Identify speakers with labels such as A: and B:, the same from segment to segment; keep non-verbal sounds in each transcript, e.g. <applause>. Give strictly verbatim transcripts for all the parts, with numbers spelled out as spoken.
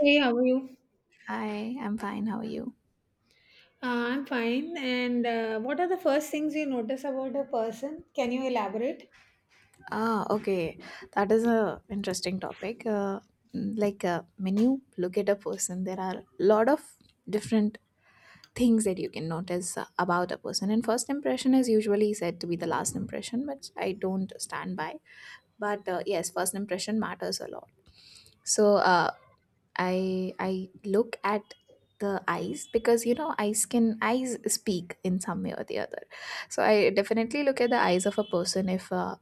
A: Hey, how are you?
B: Hi, I'm fine. How are you?
A: Uh, I'm fine. And uh, what are the first things you notice about a person? Can you elaborate?
B: Ah, okay. That is a interesting topic. Uh, mm, like uh, when you look at a person, there are a lot of different things that you can notice uh, about a person. And first impression is usually said to be the last impression, which I don't stand by. But uh, yes, first impression matters a lot. So uh, I I look at the eyes because you know eyes can eyes speak in some way or the other. So I definitely look at the eyes of a person if uh,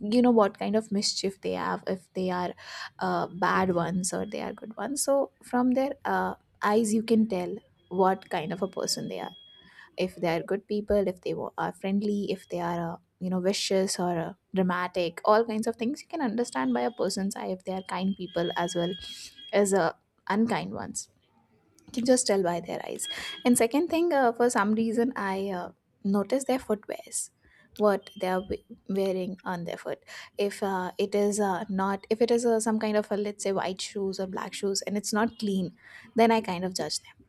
B: you know what kind of mischief they have, if they are uh, bad ones or they are good ones. So from their uh, eyes you can tell what kind of a person they are, if they are good people, if they wa- are friendly, if they are uh, you know vicious or uh, dramatic. All kinds of things you can understand by a person's eye, if they are kind people as well as uh, unkind ones. You can just tell by their eyes. And second thing, uh, for some reason, i uh, noticed their footwears, what they are we- wearing on their foot. If uh, it is uh, not if it is uh, some kind of a, let's say, white shoes or black shoes, and it's not clean, then I kind of judge them.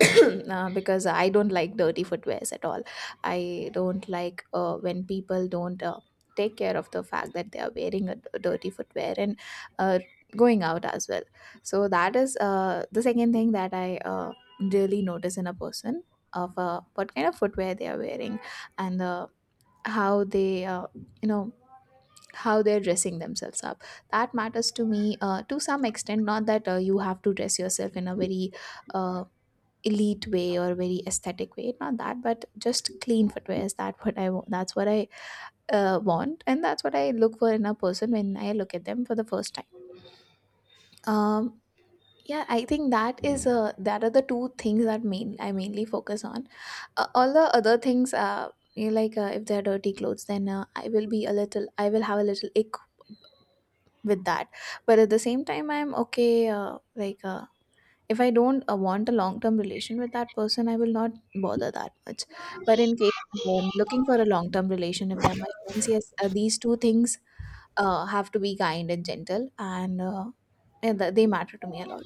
B: <coughs> <clears throat> uh, Because I don't like dirty footwears at all. I don't like uh, when people don't uh, take care of the fact that they are wearing a d- dirty footwear and uh, going out as well. So that is uh, the second thing that I uh, really notice in a person, of uh, what kind of footwear they are wearing, and uh, how they, uh, you know, how they're dressing themselves up. That matters to me uh, to some extent. Not that uh, you have to dress yourself in a very uh, elite way or very aesthetic way, not that, but just clean footwear, is that what I want, that's what i uh, want, and that's what I look for in a person when I look at them for the first time. um yeah, I think that is uh, that are the two things that main I mainly focus on. Uh, all the other things, uh you know, like uh, if they're dirty clothes, then uh, i will be a little I will have a little ick with that. But at the same time, I'm okay. uh, like uh, if I don't uh, want a long term relation with that person, I will not bother that much. But in case I'm looking for a long term relation, if they're my friends, yes, uh, these two things uh, have to be kind and gentle, and uh, and th- they matter to me a lot.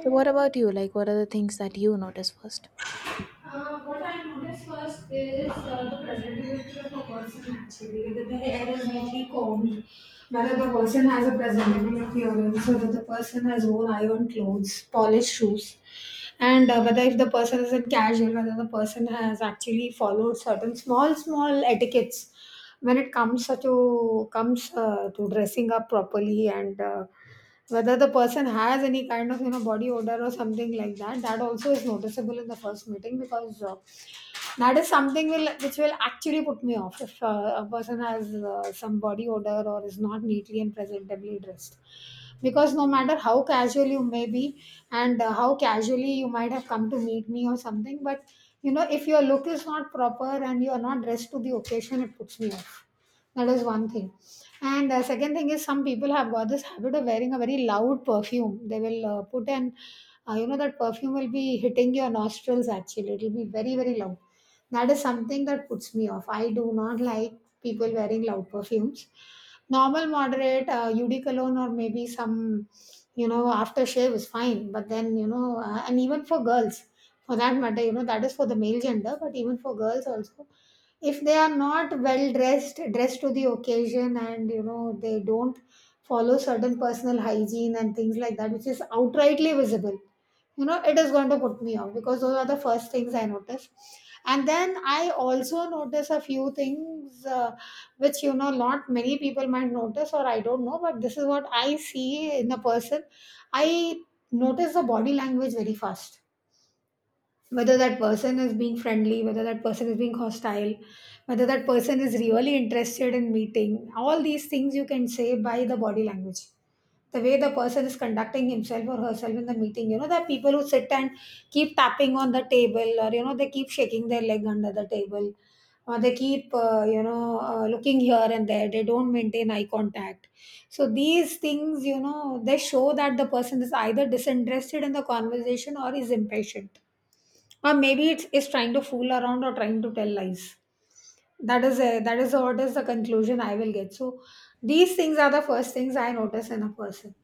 B: So, what about you? Like, what are the things that you notice first?
A: Uh, what I noticed first is uh, the presentability of a person actually, whether the hair is neatly combed, whether the person has a presentable appearance, whether the person has worn iron clothes, polished shoes, and uh, whether if the person is in casual, whether the person has actually followed certain small, small etiquettes when it comes to comes uh, to dressing up properly and uh, whether the person has any kind of you know body odor or something like that, that also is noticeable in the first meeting because uh, that is something will which will actually put me off if uh, a person has uh, some body odor or is not neatly and presentably dressed. Because no matter how casual you may be and uh, how casually you might have come to meet me or something, but you know if your look is not proper and you are not dressed to the occasion, it puts me off. That is one thing. And uh, second thing is, some people have got this habit of wearing a very loud perfume. They will uh, put an, uh, you know, that perfume will be hitting your nostrils actually. It will be very, very loud. That is something that puts me off. I do not like people wearing loud perfumes. Normal, moderate, uh, U D cologne or maybe some, you know, aftershave is fine. But then, you know, uh, and even for girls, for that matter, you know, that is for the male gender, but even for girls also, if they are not well dressed dressed to the occasion, and you know they don't follow certain personal hygiene and things like that, which is outrightly visible, you know it is going to put me off because those are the first things I notice. And then I also notice a few things, uh, which, you know, not many people might notice, or I don't know, but this is what I see in a person. I notice the body language very fast, whether that person is being friendly, whether that person is being hostile, whether that person is really interested in meeting. All these things you can say by the body language. The way the person is conducting himself or herself in the meeting. You know, there are people who sit and keep tapping on the table, or, you know, they keep shaking their leg under the table, or they keep, uh, you know, uh, looking here and there. They don't maintain eye contact. So these things, you know, they show that the person is either disinterested in the conversation or is impatient, or maybe it's trying to fool around or trying to tell lies. That is a, that is what is the conclusion I will get. So these things are the first things I notice in a person.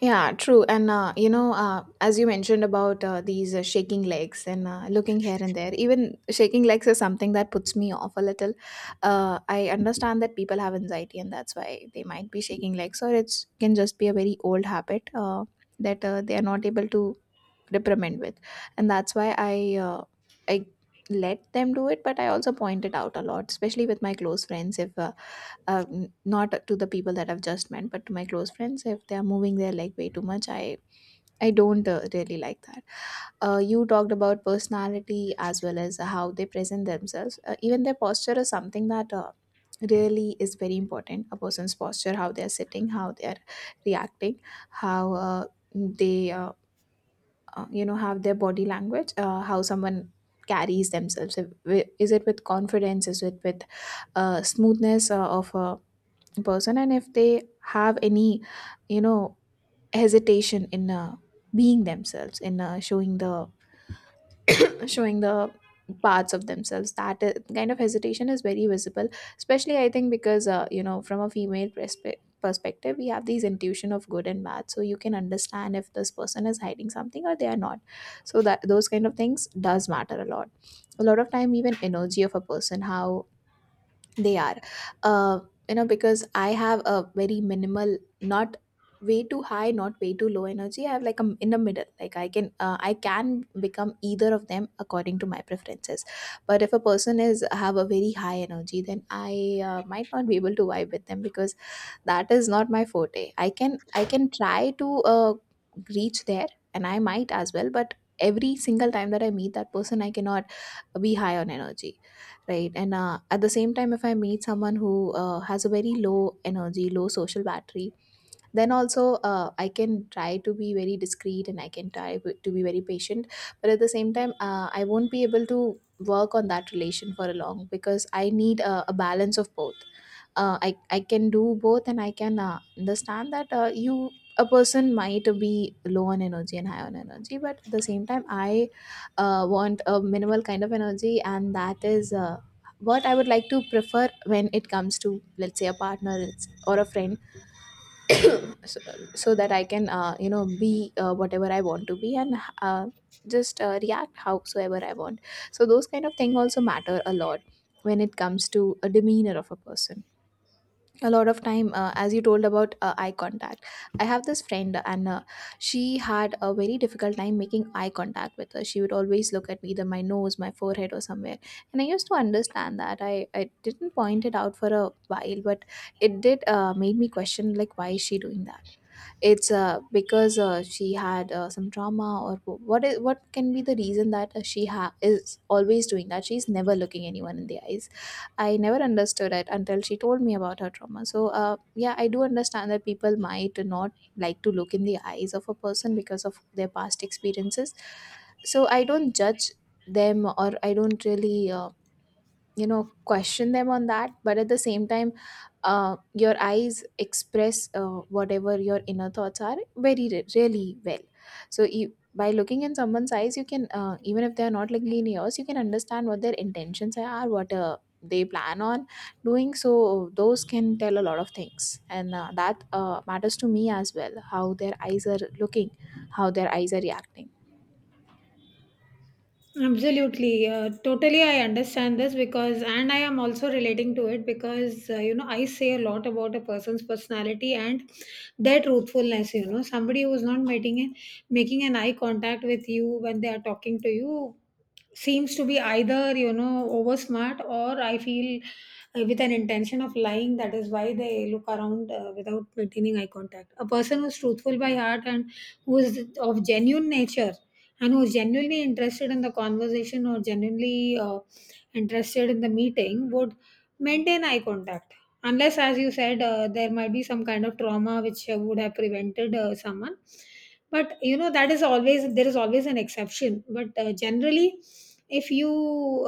B: Yeah, true. And uh, you know, uh, as you mentioned about uh, these uh, shaking legs and uh, looking here and there, even shaking legs is something that puts me off a little. Uh, I understand that people have anxiety, and that's why they might be shaking legs, or it can just be a very old habit uh, that uh, they are not able to reprimand with, and that's why I uh, I let them do it, but I also point it out a lot, especially with my close friends. If. Uh, uh, Not to the people that I've just met, but to my close friends, if they are moving their leg way too much, I I don't uh, really like that. Uh, you talked about personality as well as how they present themselves. Uh, even their posture is something that uh, really is very important. A person's posture, how they are sitting, how they are reacting, how uh, they uh, uh, you know have their body language, uh, how someone carries themselves. If- wi- Is it with confidence? Is it with uh, smoothness uh, of a person, and if they have any, you know, hesitation in uh, being themselves, in uh, showing the showing the parts of themselves, that uh, kind of hesitation is very visible. Especially, I think, because uh, you know from a female perspe- perspective, we have these intuition of good and bad, so you can understand if this person is hiding something or they are not. So that, those kind of things does matter a lot. A lot of time, even energy of a person, how they are. Uh, you know, because I have a very minimal, not way too high, not way too low energy. I have like a in the middle. Like I can, uh, I can become either of them according to my preferences. But if a person is have a very high energy, then I uh, might not be able to vibe with them because that is not my forte. i can I can try to uh, reach there, and I might as well, but every single time that I meet that person, I cannot uh, be high on energy, right. And uh, at the same time, if I meet someone who uh, has a very low energy, low social battery, then also uh, I can try to be very discreet, and I can try b- to be very patient, but at the same time uh, I won't be able to work on that relation for a long, because I need a, a balance of both. uh, I I can do both, and I can uh, understand that, uh, you a person might be low on energy and high on energy, but at the same time, I uh, want a minimal kind of energy, and that is uh, what I would like to prefer when it comes to, let's say, a partner it's, or a friend. <coughs> So, so that I can, uh, you know, be uh, whatever I want to be, and. Uh, just uh, react howsoever I want. So those kind of thing also matter a lot when it comes to a demeanor of a person. A lot of time, uh, as you told about uh, eye contact, I have this friend, and uh, she had a very difficult time making eye contact with her. She would always look at either my nose, my forehead, or somewhere, and I used to understand that. i, I didn't point it out for a while, but it did uh, made me question, like, why is she doing that? It's uh, because uh, she had uh, some trauma, or wh- what is, what can be the reason that uh, she ha- is always doing that, she's never looking anyone in the eyes. I never understood it until she told me about her trauma. So uh, yeah, I do understand that people might not like to look in the eyes of a person because of their past experiences. So I don't judge them, or I don't really, uh, you know, question them on that. But at the same time, uh, your eyes express uh, whatever your inner thoughts are very re- really well. So you, by looking in someone's eyes, you can, uh, even if they're not like yours, you can understand what their intentions are, what uh, they plan on doing. So those can tell a lot of things. And uh, that uh, matters to me as well, how their eyes are looking, how their eyes are reacting.
A: Absolutely. Uh, totally, I understand this, because, and I am also relating to it because, uh, you know, I say a lot about a person's personality and their truthfulness. You know, somebody who is not making, an- making an eye contact with you when they are talking to you seems to be either, you know, over smart, or I feel uh, with an intention of lying. That is why they look around uh, without maintaining eye contact. A person who is truthful by heart and who is of genuine nature and who's genuinely interested in the conversation or genuinely uh, interested in the meeting would maintain eye contact, unless, as you said, uh, there might be some kind of trauma which uh, would have prevented uh, someone. But you know, that is always there is always an exception, but uh, generally, if you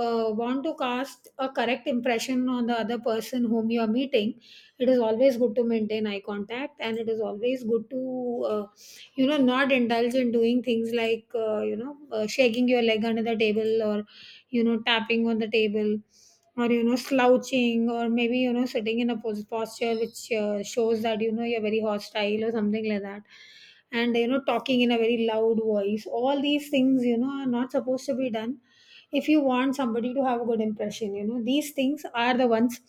A: uh, want to cast a correct impression on the other person whom you are meeting, it is always good to maintain eye contact, and it is always good to uh, you know, not indulge in doing things like, uh, you know uh, shaking your leg under the table, or you know, tapping on the table, or you know, slouching, or maybe, you know, sitting in a pos- posture which uh, shows that, you know, you're very hostile or something like that, and you know, talking in a very loud voice. All these things, you know, are not supposed to be done if you want somebody to have a good impression. You know, these things are the ones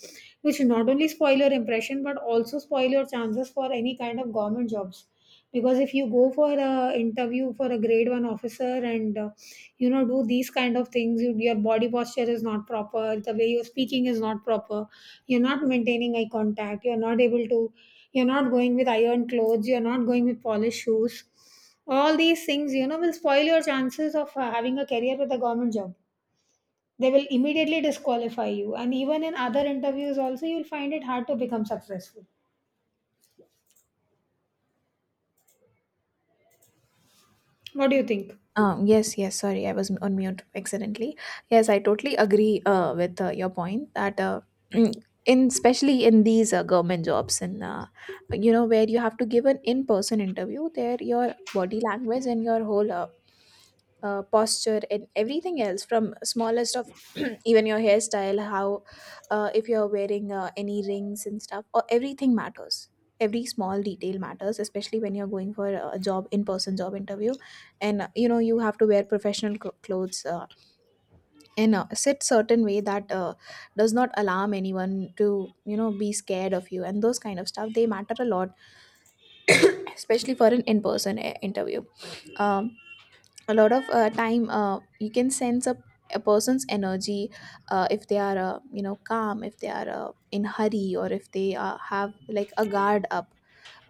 A: which not only spoil your impression, but also spoil your chances for any kind of government jobs. Because if you go for a interview for a grade one officer and uh, you know, do these kind of things, you, your body posture is not proper, the way you're speaking is not proper, you're not maintaining eye contact, you're not able to you're not going with iron clothes, you're not going with polished shoes. All these things, you know, will spoil your chances of uh, having a career with a government job. They will immediately disqualify you, and even in other interviews also, you'll find it hard to become successful. What do you think?
B: Um, yes, yes, sorry, I was on mute accidentally. Yes, I totally agree uh, with uh, your point that, uh, mm, in, especially in these uh, government jobs and, uh, you know, where you have to give an in-person interview, there your body language and your whole uh, uh, posture and everything else, from smallest of, <clears throat> even your hairstyle, how, uh, if you're wearing uh, any rings and stuff, or everything matters. Every small detail matters, especially when you're going for a job in-person job interview, and uh, you know you have to wear professional cl- clothes uh, and uh, sit certain way that uh, does not alarm anyone to you know be scared of you, and those kind of stuff they matter a lot, especially for an in-person uh, interview. um, a lot of uh, time uh, you can sense a, a person's energy. Uh, if they are uh, you know calm, if they are uh, in hurry, or if they uh, have like a guard up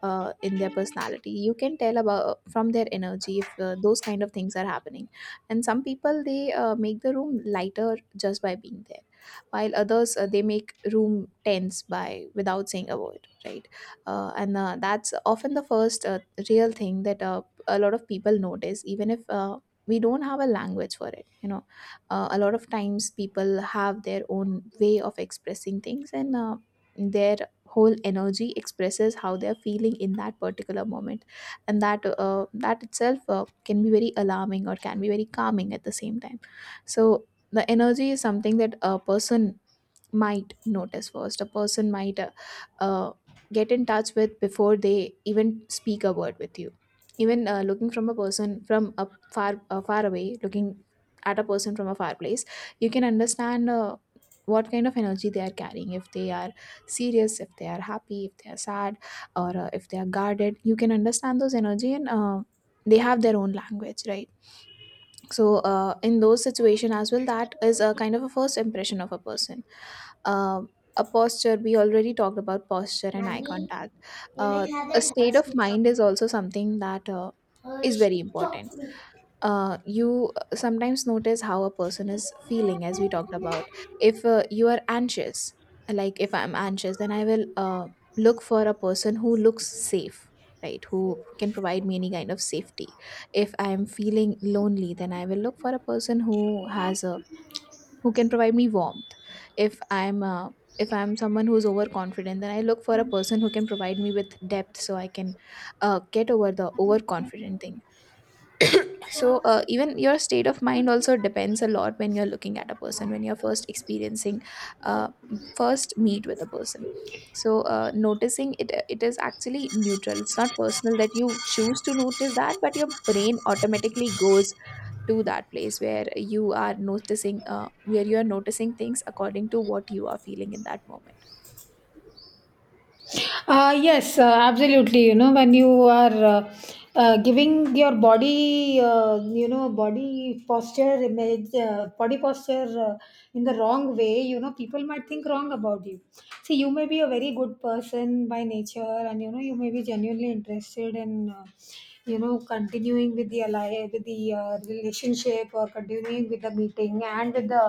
B: uh, in their personality. You can tell about uh, from their energy if uh, those kind of things are happening. And some people, they uh, make the room lighter just by being there, while others uh, they make room tense by without saying a word, right? Uh, and uh, that's often the first uh, real thing that uh, a lot of people notice, even if uh, we don't have a language for it, you know. Uh, a lot of times people have their own way of expressing things, and uh, their whole energy expresses how they're feeling in that particular moment. And that uh, that itself uh, can be very alarming or can be very calming at the same time. So the energy is something that a person might notice first. A person might uh, uh, get in touch with before they even speak a word with you. Even uh, looking from a person from a far uh, far away, looking at a person from a far place, you can understand uh, what kind of energy they are carrying, if they are serious, if they are happy, if they are sad, or uh, if they are guarded. You can understand those energy, and uh, they have their own language, right? So uh, in those situation as well, that is a kind of a first impression of a person. um, a posture, we already talked about posture and eye contact. Uh, a state of mind is also something that uh, is very important. Uh, you sometimes notice how a person is feeling, as we talked about. If uh, you are anxious, like if I'm anxious, then I will uh, look for a person who looks safe, right? Who can provide me any kind of safety. If I'm feeling lonely, then I will look for a person who has a who can provide me warmth. If i'm uh, if I'm someone who's overconfident, then I look for a person who can provide me with depth so I can uh, get over the overconfident thing. So uh, even your state of mind also depends a lot when you're looking at a person, when you're first experiencing uh, first meet with a person. So uh, noticing it it is actually neutral, it's not personal that you choose to notice that, but your brain automatically goes to that place where you are noticing uh, where you are noticing things according to what you are feeling in that moment.
A: Uh, yes, uh, Absolutely. You know, when you are uh, uh, giving your body, uh, you know, body posture image, uh, body posture uh, in the wrong way, you know, people might think wrong about you. See, you may be a very good person by nature, and you know, you may be genuinely interested in. Uh, you know, continuing with the ally with the uh, relationship, or continuing with the meeting and with the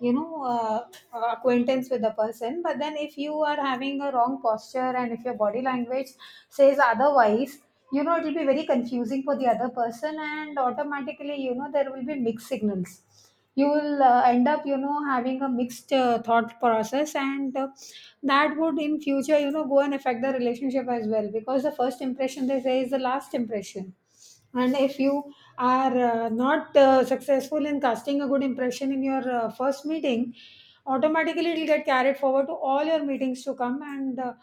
A: you know uh, uh, acquaintance with the person. But then, if you are having a wrong posture and if your body language says otherwise, you know it will be very confusing for the other person, and automatically, you know, there will be mixed signals. You will uh, end up, you know, having a mixed uh, thought process, and uh, that would in future, you know, go and affect the relationship as well, because the first impression, they say, is the last impression. And if you are uh, not uh, successful in casting a good impression in your uh, first meeting, automatically it will get carried forward to all your meetings to come. And uh,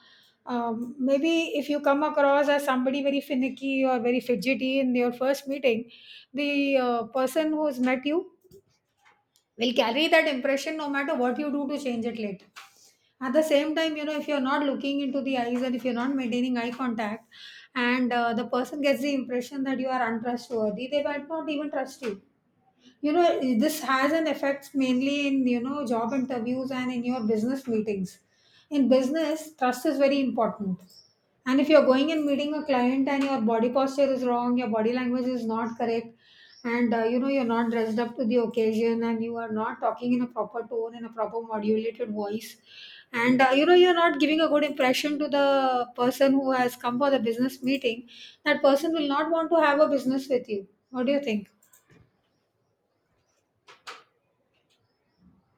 A: um, Maybe if you come across as somebody very finicky or very fidgety in your first meeting, the uh, person who's met you will carry that impression no matter what you do to change it later. At the same time, you know, if you're not looking into the eyes and if you're not maintaining eye contact, and uh, the person gets the impression that you are untrustworthy, they might not even trust you. You know, eh, this has an effect mainly in, you know, job interviews and in your business meetings. In business, trust is very important. And if you're going and meeting a client and your body posture is wrong, your body language is not correct, and uh, you know, you're not dressed up to the occasion, and you are not talking in a proper tone, in a proper modulated voice, and uh, you know, you're not giving a good impression to the person who has come for the business meeting, that person will not want to have a business with you. What do you think?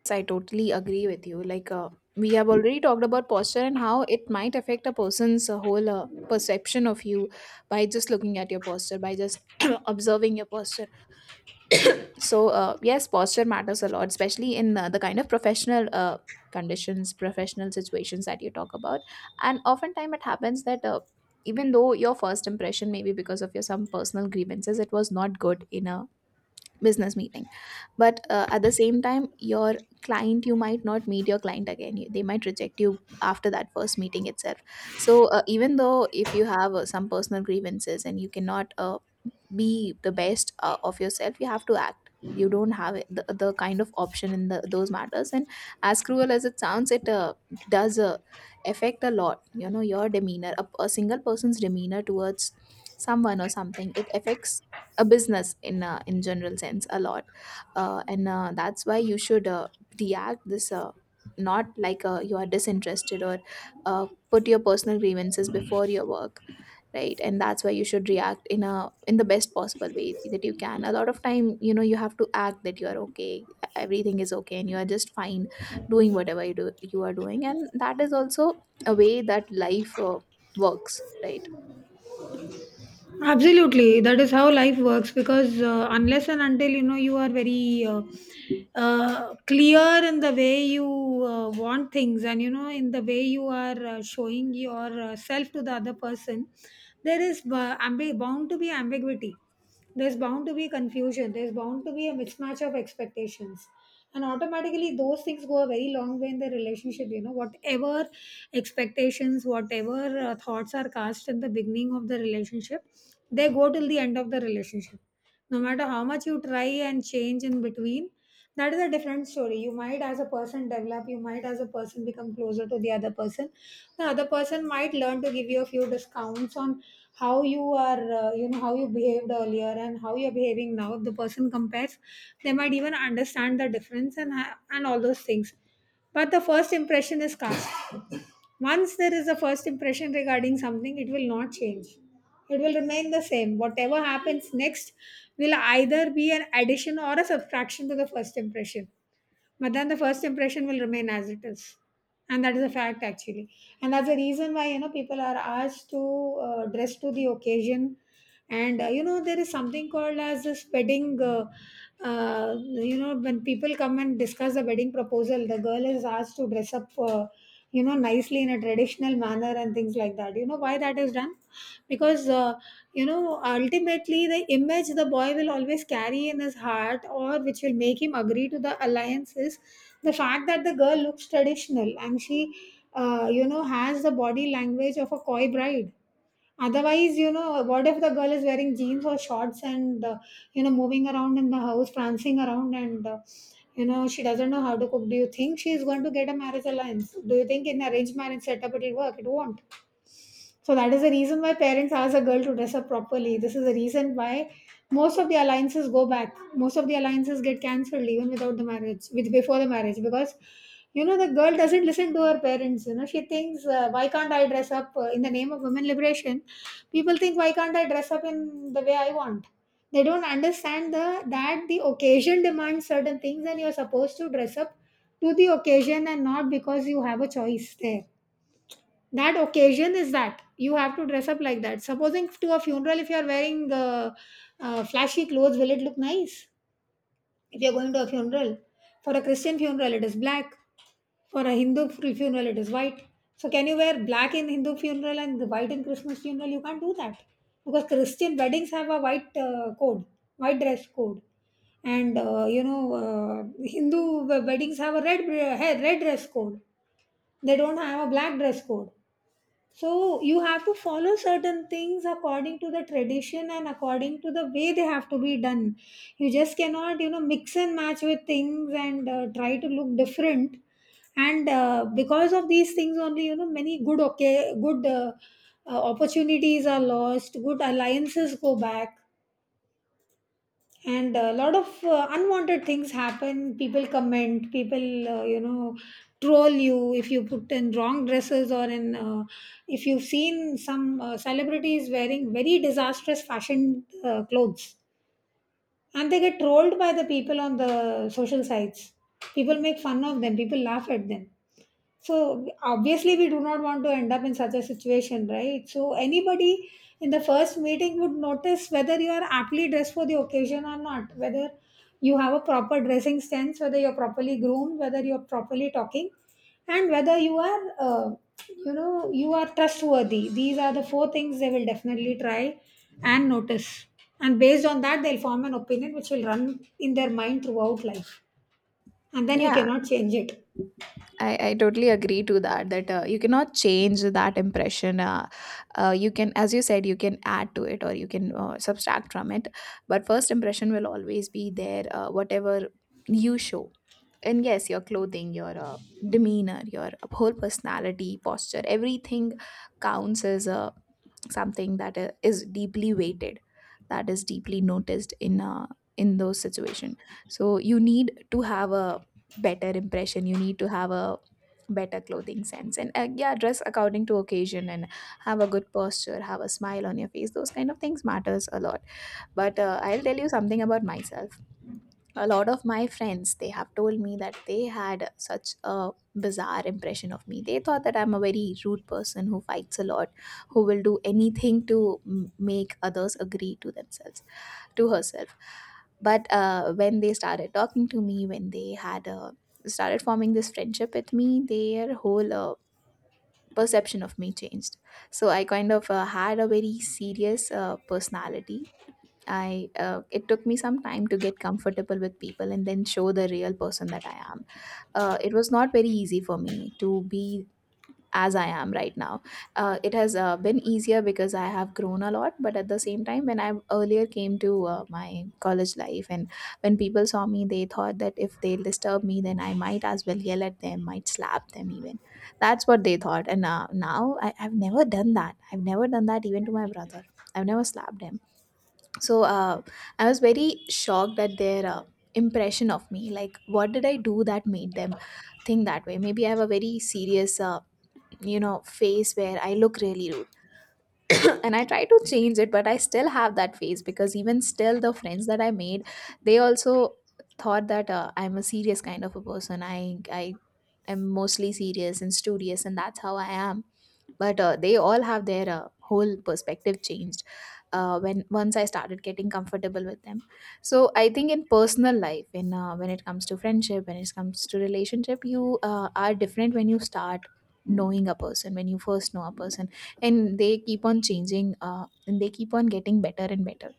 B: Yes, I totally agree with you. Like uh, we have already talked about posture and how it might affect a person's uh, whole uh, perception of you, by just looking at your posture, by just <clears throat> observing your posture. So uh, yes, posture matters a lot, especially in uh, the kind of professional uh, conditions, professional situations that you talk about. And oftentimes it happens that uh, even though your first impression, maybe because of your some personal grievances, it was not good in a business meeting, but uh, at the same time, your client, you might not meet your client again. You- they might reject you after that first meeting itself. So uh, even though if you have uh, some personal grievances and you cannot uh, be the best uh, of yourself, you have to act. You don't have it- the, the kind of option in the, those matters. And as cruel as it sounds, it uh, does uh, affect a lot, you know, your demeanor, a, a single person's demeanor towards someone or something, it affects a business in uh, in general sense a lot. Uh, and uh, that's why you should uh, react this uh, not like uh, you are disinterested, or uh, put your personal grievances before your work, right? And that's why you should react in a in the best possible way that you can. A lot of time, you know, you have to act that you are okay, everything is okay and you are just fine doing whatever you do, you are doing. And that is also a way that life uh, works, right?
A: Absolutely, that is how life works, because uh, unless and until you know you are very uh, uh, clear in the way you uh, want things, and you know, in the way you are uh, showing your uh, self to the other person, there is uh, ambi- bound to be ambiguity, there's bound to be confusion, there's bound to be a mismatch of expectations, and automatically those things go a very long way in the relationship. You know, whatever expectations, whatever uh, thoughts are cast in the beginning of the relationship, they go till the end of the relationship, no matter how much you try and change in between. That is a different story. You might as a person develop, you might as a person become closer to the other person, the other person might learn to give you a few discounts on how you are, uh, you know, how you behaved earlier and how you're behaving now. If the person compares, they might even understand the difference, and ha- and all those things. But the first impression is cast. Once there is a first impression regarding something, it will not change. It will remain the same. Whatever happens next will either be an addition or a subtraction to the first impression. But then the first impression will remain as it is. And that is a fact, actually. And that's the reason why, you know, people are asked to uh, dress to the occasion. And, uh, you know, there is something called as this wedding, uh, uh, you know, when people come and discuss the wedding proposal, the girl is asked to dress up, uh, you know, nicely in a traditional manner and things like that. You know why that is done? Because uh, you know ultimately, the image the boy will always carry in his heart, or which will make him agree to the alliance, is the fact that the girl looks traditional and she uh, you know has the body language of a coy bride. Otherwise, you know, what if the girl is wearing jeans or shorts and uh, you know moving around in the house, prancing around, and uh, you know she doesn't know how to cook? Do you think she is going to get a marriage alliance? Do you think in arranged marriage setup it will work? It won't. So that is the reason why parents ask a girl to dress up properly. This is the reason why most of the alliances go back. Most of the alliances get cancelled even without the marriage, with before the marriage, because you know the girl doesn't listen to her parents. You know she thinks, uh, why can't I dress up uh, in the name of women liberation? People think, why can't I dress up in the way I want? They don't understand the that the occasion demands certain things, and you're supposed to dress up to the occasion and not because you have a choice there. That occasion is that you have to dress up like that. Supposing to a funeral, if you are wearing uh, uh, flashy clothes, will it look nice? If you're going to a funeral, for a Christian funeral it is black, for a Hindu fu- funeral it is white. So can you wear black in Hindu funeral and the white in Christmas funeral? You can't do that. Because Christian weddings have a white uh, code, white dress code, and uh, you know uh, Hindu weddings have a red uh, red dress code. They don't have a black dress code. So you have to follow certain things according to the tradition and according to the way they have to be done. You just cannot, you know, mix and match with things and uh, try to look different. And uh, because of these things only, you know, many good, okay, good uh, uh, opportunities are lost. Good alliances go back, and a lot of uh, unwanted things happen. People comment, people uh, you know troll you if you put in wrong dresses, or in uh, if you've seen some uh, celebrities wearing very disastrous fashion uh, clothes and they get trolled by the people on the social sites. People make fun of them, people laugh at them. So obviously we do not want to end up in such a situation, right? So anybody in the first meeting would notice whether you are aptly dressed for the occasion or not, whether you have a proper dressing sense, whether you're properly groomed, whether you're properly talking, and whether you are, uh, you know, you are trustworthy. These are the four things they will definitely try and notice. And based on that, they'll form an opinion which will run in their mind throughout life. And then you
B: Yeah.
A: cannot change it.
B: I, I totally agree to that, that uh, you cannot change that impression. uh, uh, you can, as you said, you can add to it or you can uh, subtract from it, but first impression will always be there, uh, whatever you show. And yes, your clothing, your uh, demeanor, your whole personality, posture, everything counts as a something that i- is deeply weighted, that is deeply noticed in uh, in those situation. So you need to have a better impression, you need to have a better clothing sense, and uh, yeah, dress according to occasion, and have a good posture, have a smile on your face, those kind of things matters a lot. But uh, I'll tell you something about myself. A lot of my friends, they have told me that they had such a bizarre impression of me. They thought that I'm a very rude person who fights a lot, who will do anything to m- make others agree to themselves, to herself. But uh, when they started talking to me, when they had uh, started forming this friendship with me, their whole uh, perception of me changed. So I kind of uh, had a very serious uh, personality. I uh, it took me some time to get comfortable with people and then show the real person that I am. Uh, it was not very easy for me to be as I am right now. Uh, it has uh, been easier because I have grown a lot, but at the same time, when I earlier came to uh, my college life, and when people saw me, they thought that if they disturb me, then I might as well yell at them, might slap them even. That's what they thought. And uh, now I, I've never done that. I've never done that even to my brother. I've never slapped him. So uh, I was very shocked at their uh, impression of me, like what did I do that made them think that way? Maybe I have a very serious uh, you know face where I look really rude. <clears throat> And I try to change it, but I still have that face, because even still the friends that I made, they also thought that uh, I'm a serious kind of a person. I i am mostly serious and studious, and that's how I am. But uh, they all have their uh, whole perspective changed uh, when once I started getting comfortable with them. So I think in personal life, in uh, when it comes to friendship, when it comes to relationship, you uh, are different when you start knowing a person, when you first know a person, and they keep on changing uh, and they keep on getting better and better.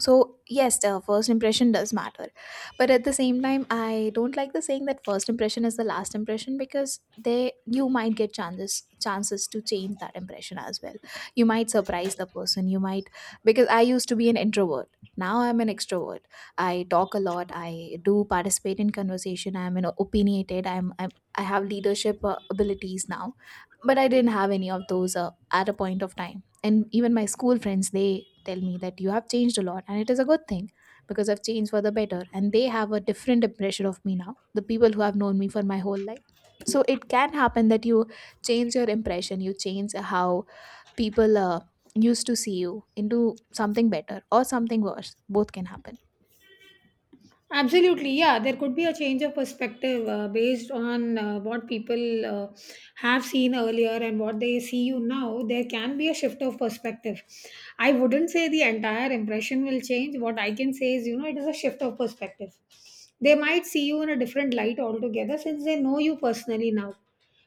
B: So yes, the first impression does matter, but at the same time, I don't like the saying that first impression is the last impression, because they, you might get chances chances to change that impression as well. You might surprise the person, you might, because I used to be an introvert, now I'm an extrovert. I talk a lot, I do participate in conversation, I'm an opinionated, i'm, I'm I have leadership uh, abilities now, but I didn't have any of those uh, at a point of time. And even my school friends, they tell me that you have changed a lot, and it is a good thing, because I've changed for the better, and they have a different impression of me now, the people who have known me for my whole life. So it can happen that you change your impression, you change how people uh, used to see you into something better or something worse, both can happen.
A: Absolutely, yeah. There could be a change of perspective uh, based on uh, what people uh, have seen earlier and what they see you now. There can be a shift of perspective. I wouldn't say the entire impression will change. What I can say is, you know, it is a shift of perspective. They might see you in a different light altogether since they know you personally now.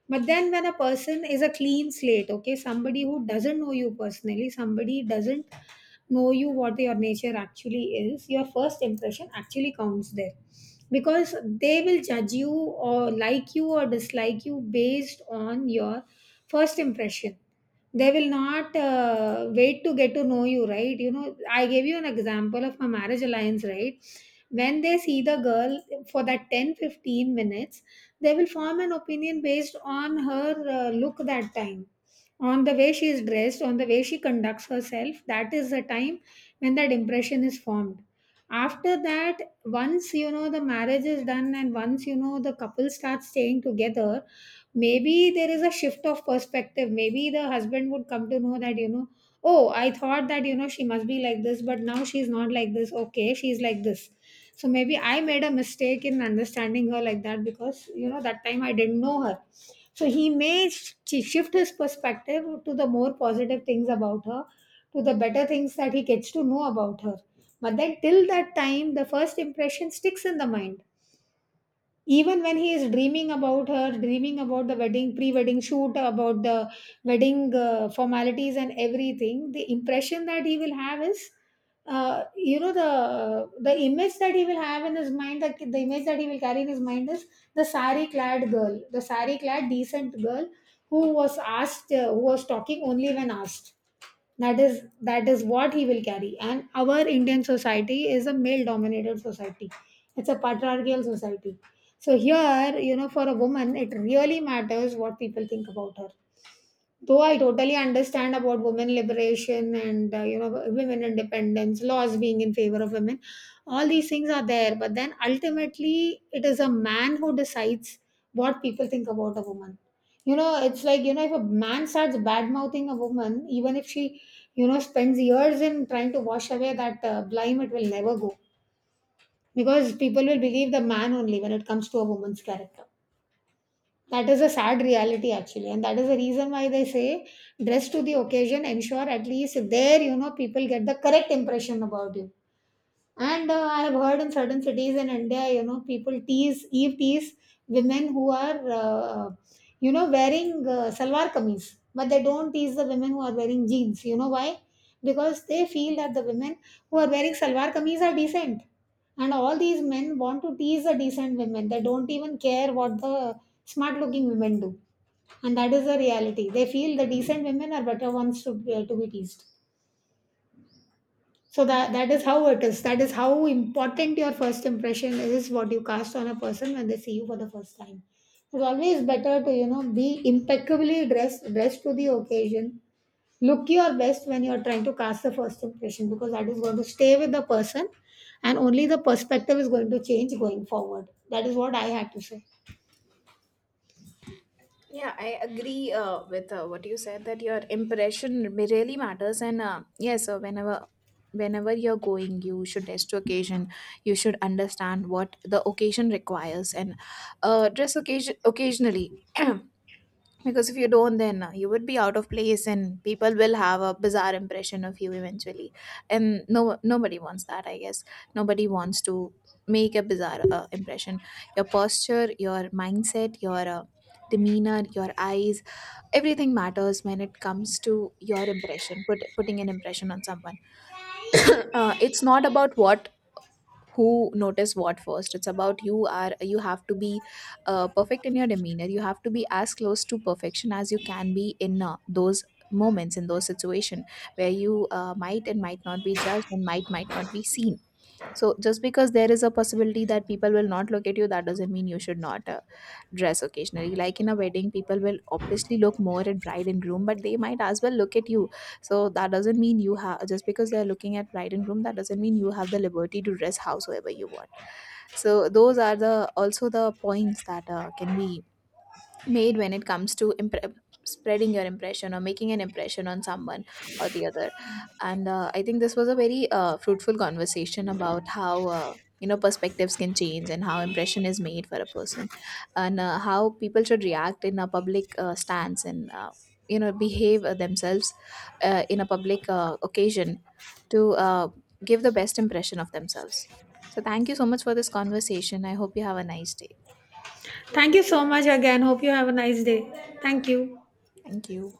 A: But then when a person is a clean slate, okay, somebody who doesn't know you personally, somebody doesn't know you what your nature actually is, your first impression actually counts there, because they will judge you or like you or dislike you based on your first impression. They will not uh, wait to get to know you, right? You know, I gave you an example of my marriage alliance, right? When they see the girl for that ten fifteen minutes, they will form an opinion based on her uh, look that time, on the way she is dressed, on the way she conducts herself. That is the time when that impression is formed. After that, once you know the marriage is done and once you know the couple starts staying together, maybe there is a shift of perspective. Maybe the husband would come to know that, you know, oh, I thought that, you know, she must be like this, but now she's not like this. Okay, she's like this. So maybe I made a mistake in understanding her like that, because you know that time I didn't know her. So he may sh- shift his perspective to the more positive things about her, to the better things that he gets to know about her. But then till that time the first impression sticks in the mind, even when he is dreaming about her, dreaming about the wedding, pre-wedding shoot, about the wedding uh, formalities and everything. The impression that he will have is uh, you know the the image that he will have in his mind, the, the image that he will carry in his mind is the sari clad girl, the sari clad decent girl who was asked uh, who was talking only when asked. That is, that is what he will carry. And our Indian society is a male dominated society, it's a patriarchal society. So here, you know, for a woman it really matters what people think about her. Though I totally understand about women liberation and uh, you know women independence, laws being in favor of women, all these things are there. But then ultimately, it is a man who decides what people think about a woman. You know, it's like, you know, if a man starts bad mouthing a woman, even if she you know spends years in trying to wash away that uh, blame, it will never go, because people will believe the man only when it comes to a woman's character. That is a sad reality, actually. And that is the reason why they say dress to the occasion, ensure at least there, you know, people get the correct impression about you. And uh, I have heard in certain cities in India, you know, people tease, Eve tease women who are, uh, you know, wearing uh, salwar kameez, but they don't tease the women who are wearing jeans. You know why? Because they feel that the women who are wearing salwar kameez are decent. And all these men want to tease the decent women. They don't even care what the smart looking women do. And that is the reality. They feel the decent women are better ones to, uh, to be teased. So that, that is how it is. That is how important your first impression is. What you cast on a person when they see you for the first time. It's always better to you know be impeccably dressed, dressed to the occasion. Look your best when you're trying to cast the first impression, because that is going to stay with the person, and only the perspective is going to change going forward. That is what I had to say.
B: Yeah, I agree uh, with uh, what you said, that your impression ma- really matters, and uh, yes, uh, whenever whenever you're going, you should dress to occasion. You should understand what the occasion requires, and uh, dress occasion occasionally. <clears throat> Because if you don't, then uh, you would be out of place and people will have a bizarre impression of you eventually, and no nobody wants that, I guess. Nobody wants to make a bizarre uh, impression. Your posture, your mindset, your uh, demeanor, your eyes, everything matters when it comes to your impression, put, putting an impression on someone. <coughs> Uh, it's not about what who notice what first. It's about you are, you have to be uh, perfect in your demeanor, you have to be as close to perfection as you can be in uh, those moments, in those situation where you uh, might and might not be judged, and might might not be seen. So just because there is a possibility that people will not look at you, that doesn't mean you should not uh, dress occasionally. Like in a wedding, people will obviously look more at bride and groom, but they might as well look at you. So that doesn't mean you have, just because they're looking at bride and groom, that doesn't mean you have the liberty to dress howsoever you want. So those are the also the points that uh, can be made when it comes to impre- spreading your impression, or making an impression on someone or the other. And uh, I think this was a very uh, fruitful conversation about how uh, you know perspectives can change and how impression is made for a person, and uh, how people should react in a public uh, stance, and uh, you know behave uh, themselves uh, in a public uh, occasion to uh, give the best impression of themselves. So thank you so much for this conversation, I hope you have a nice day.
A: Thank you so much again. Hope you have a nice day. Thank you.
B: Thank you.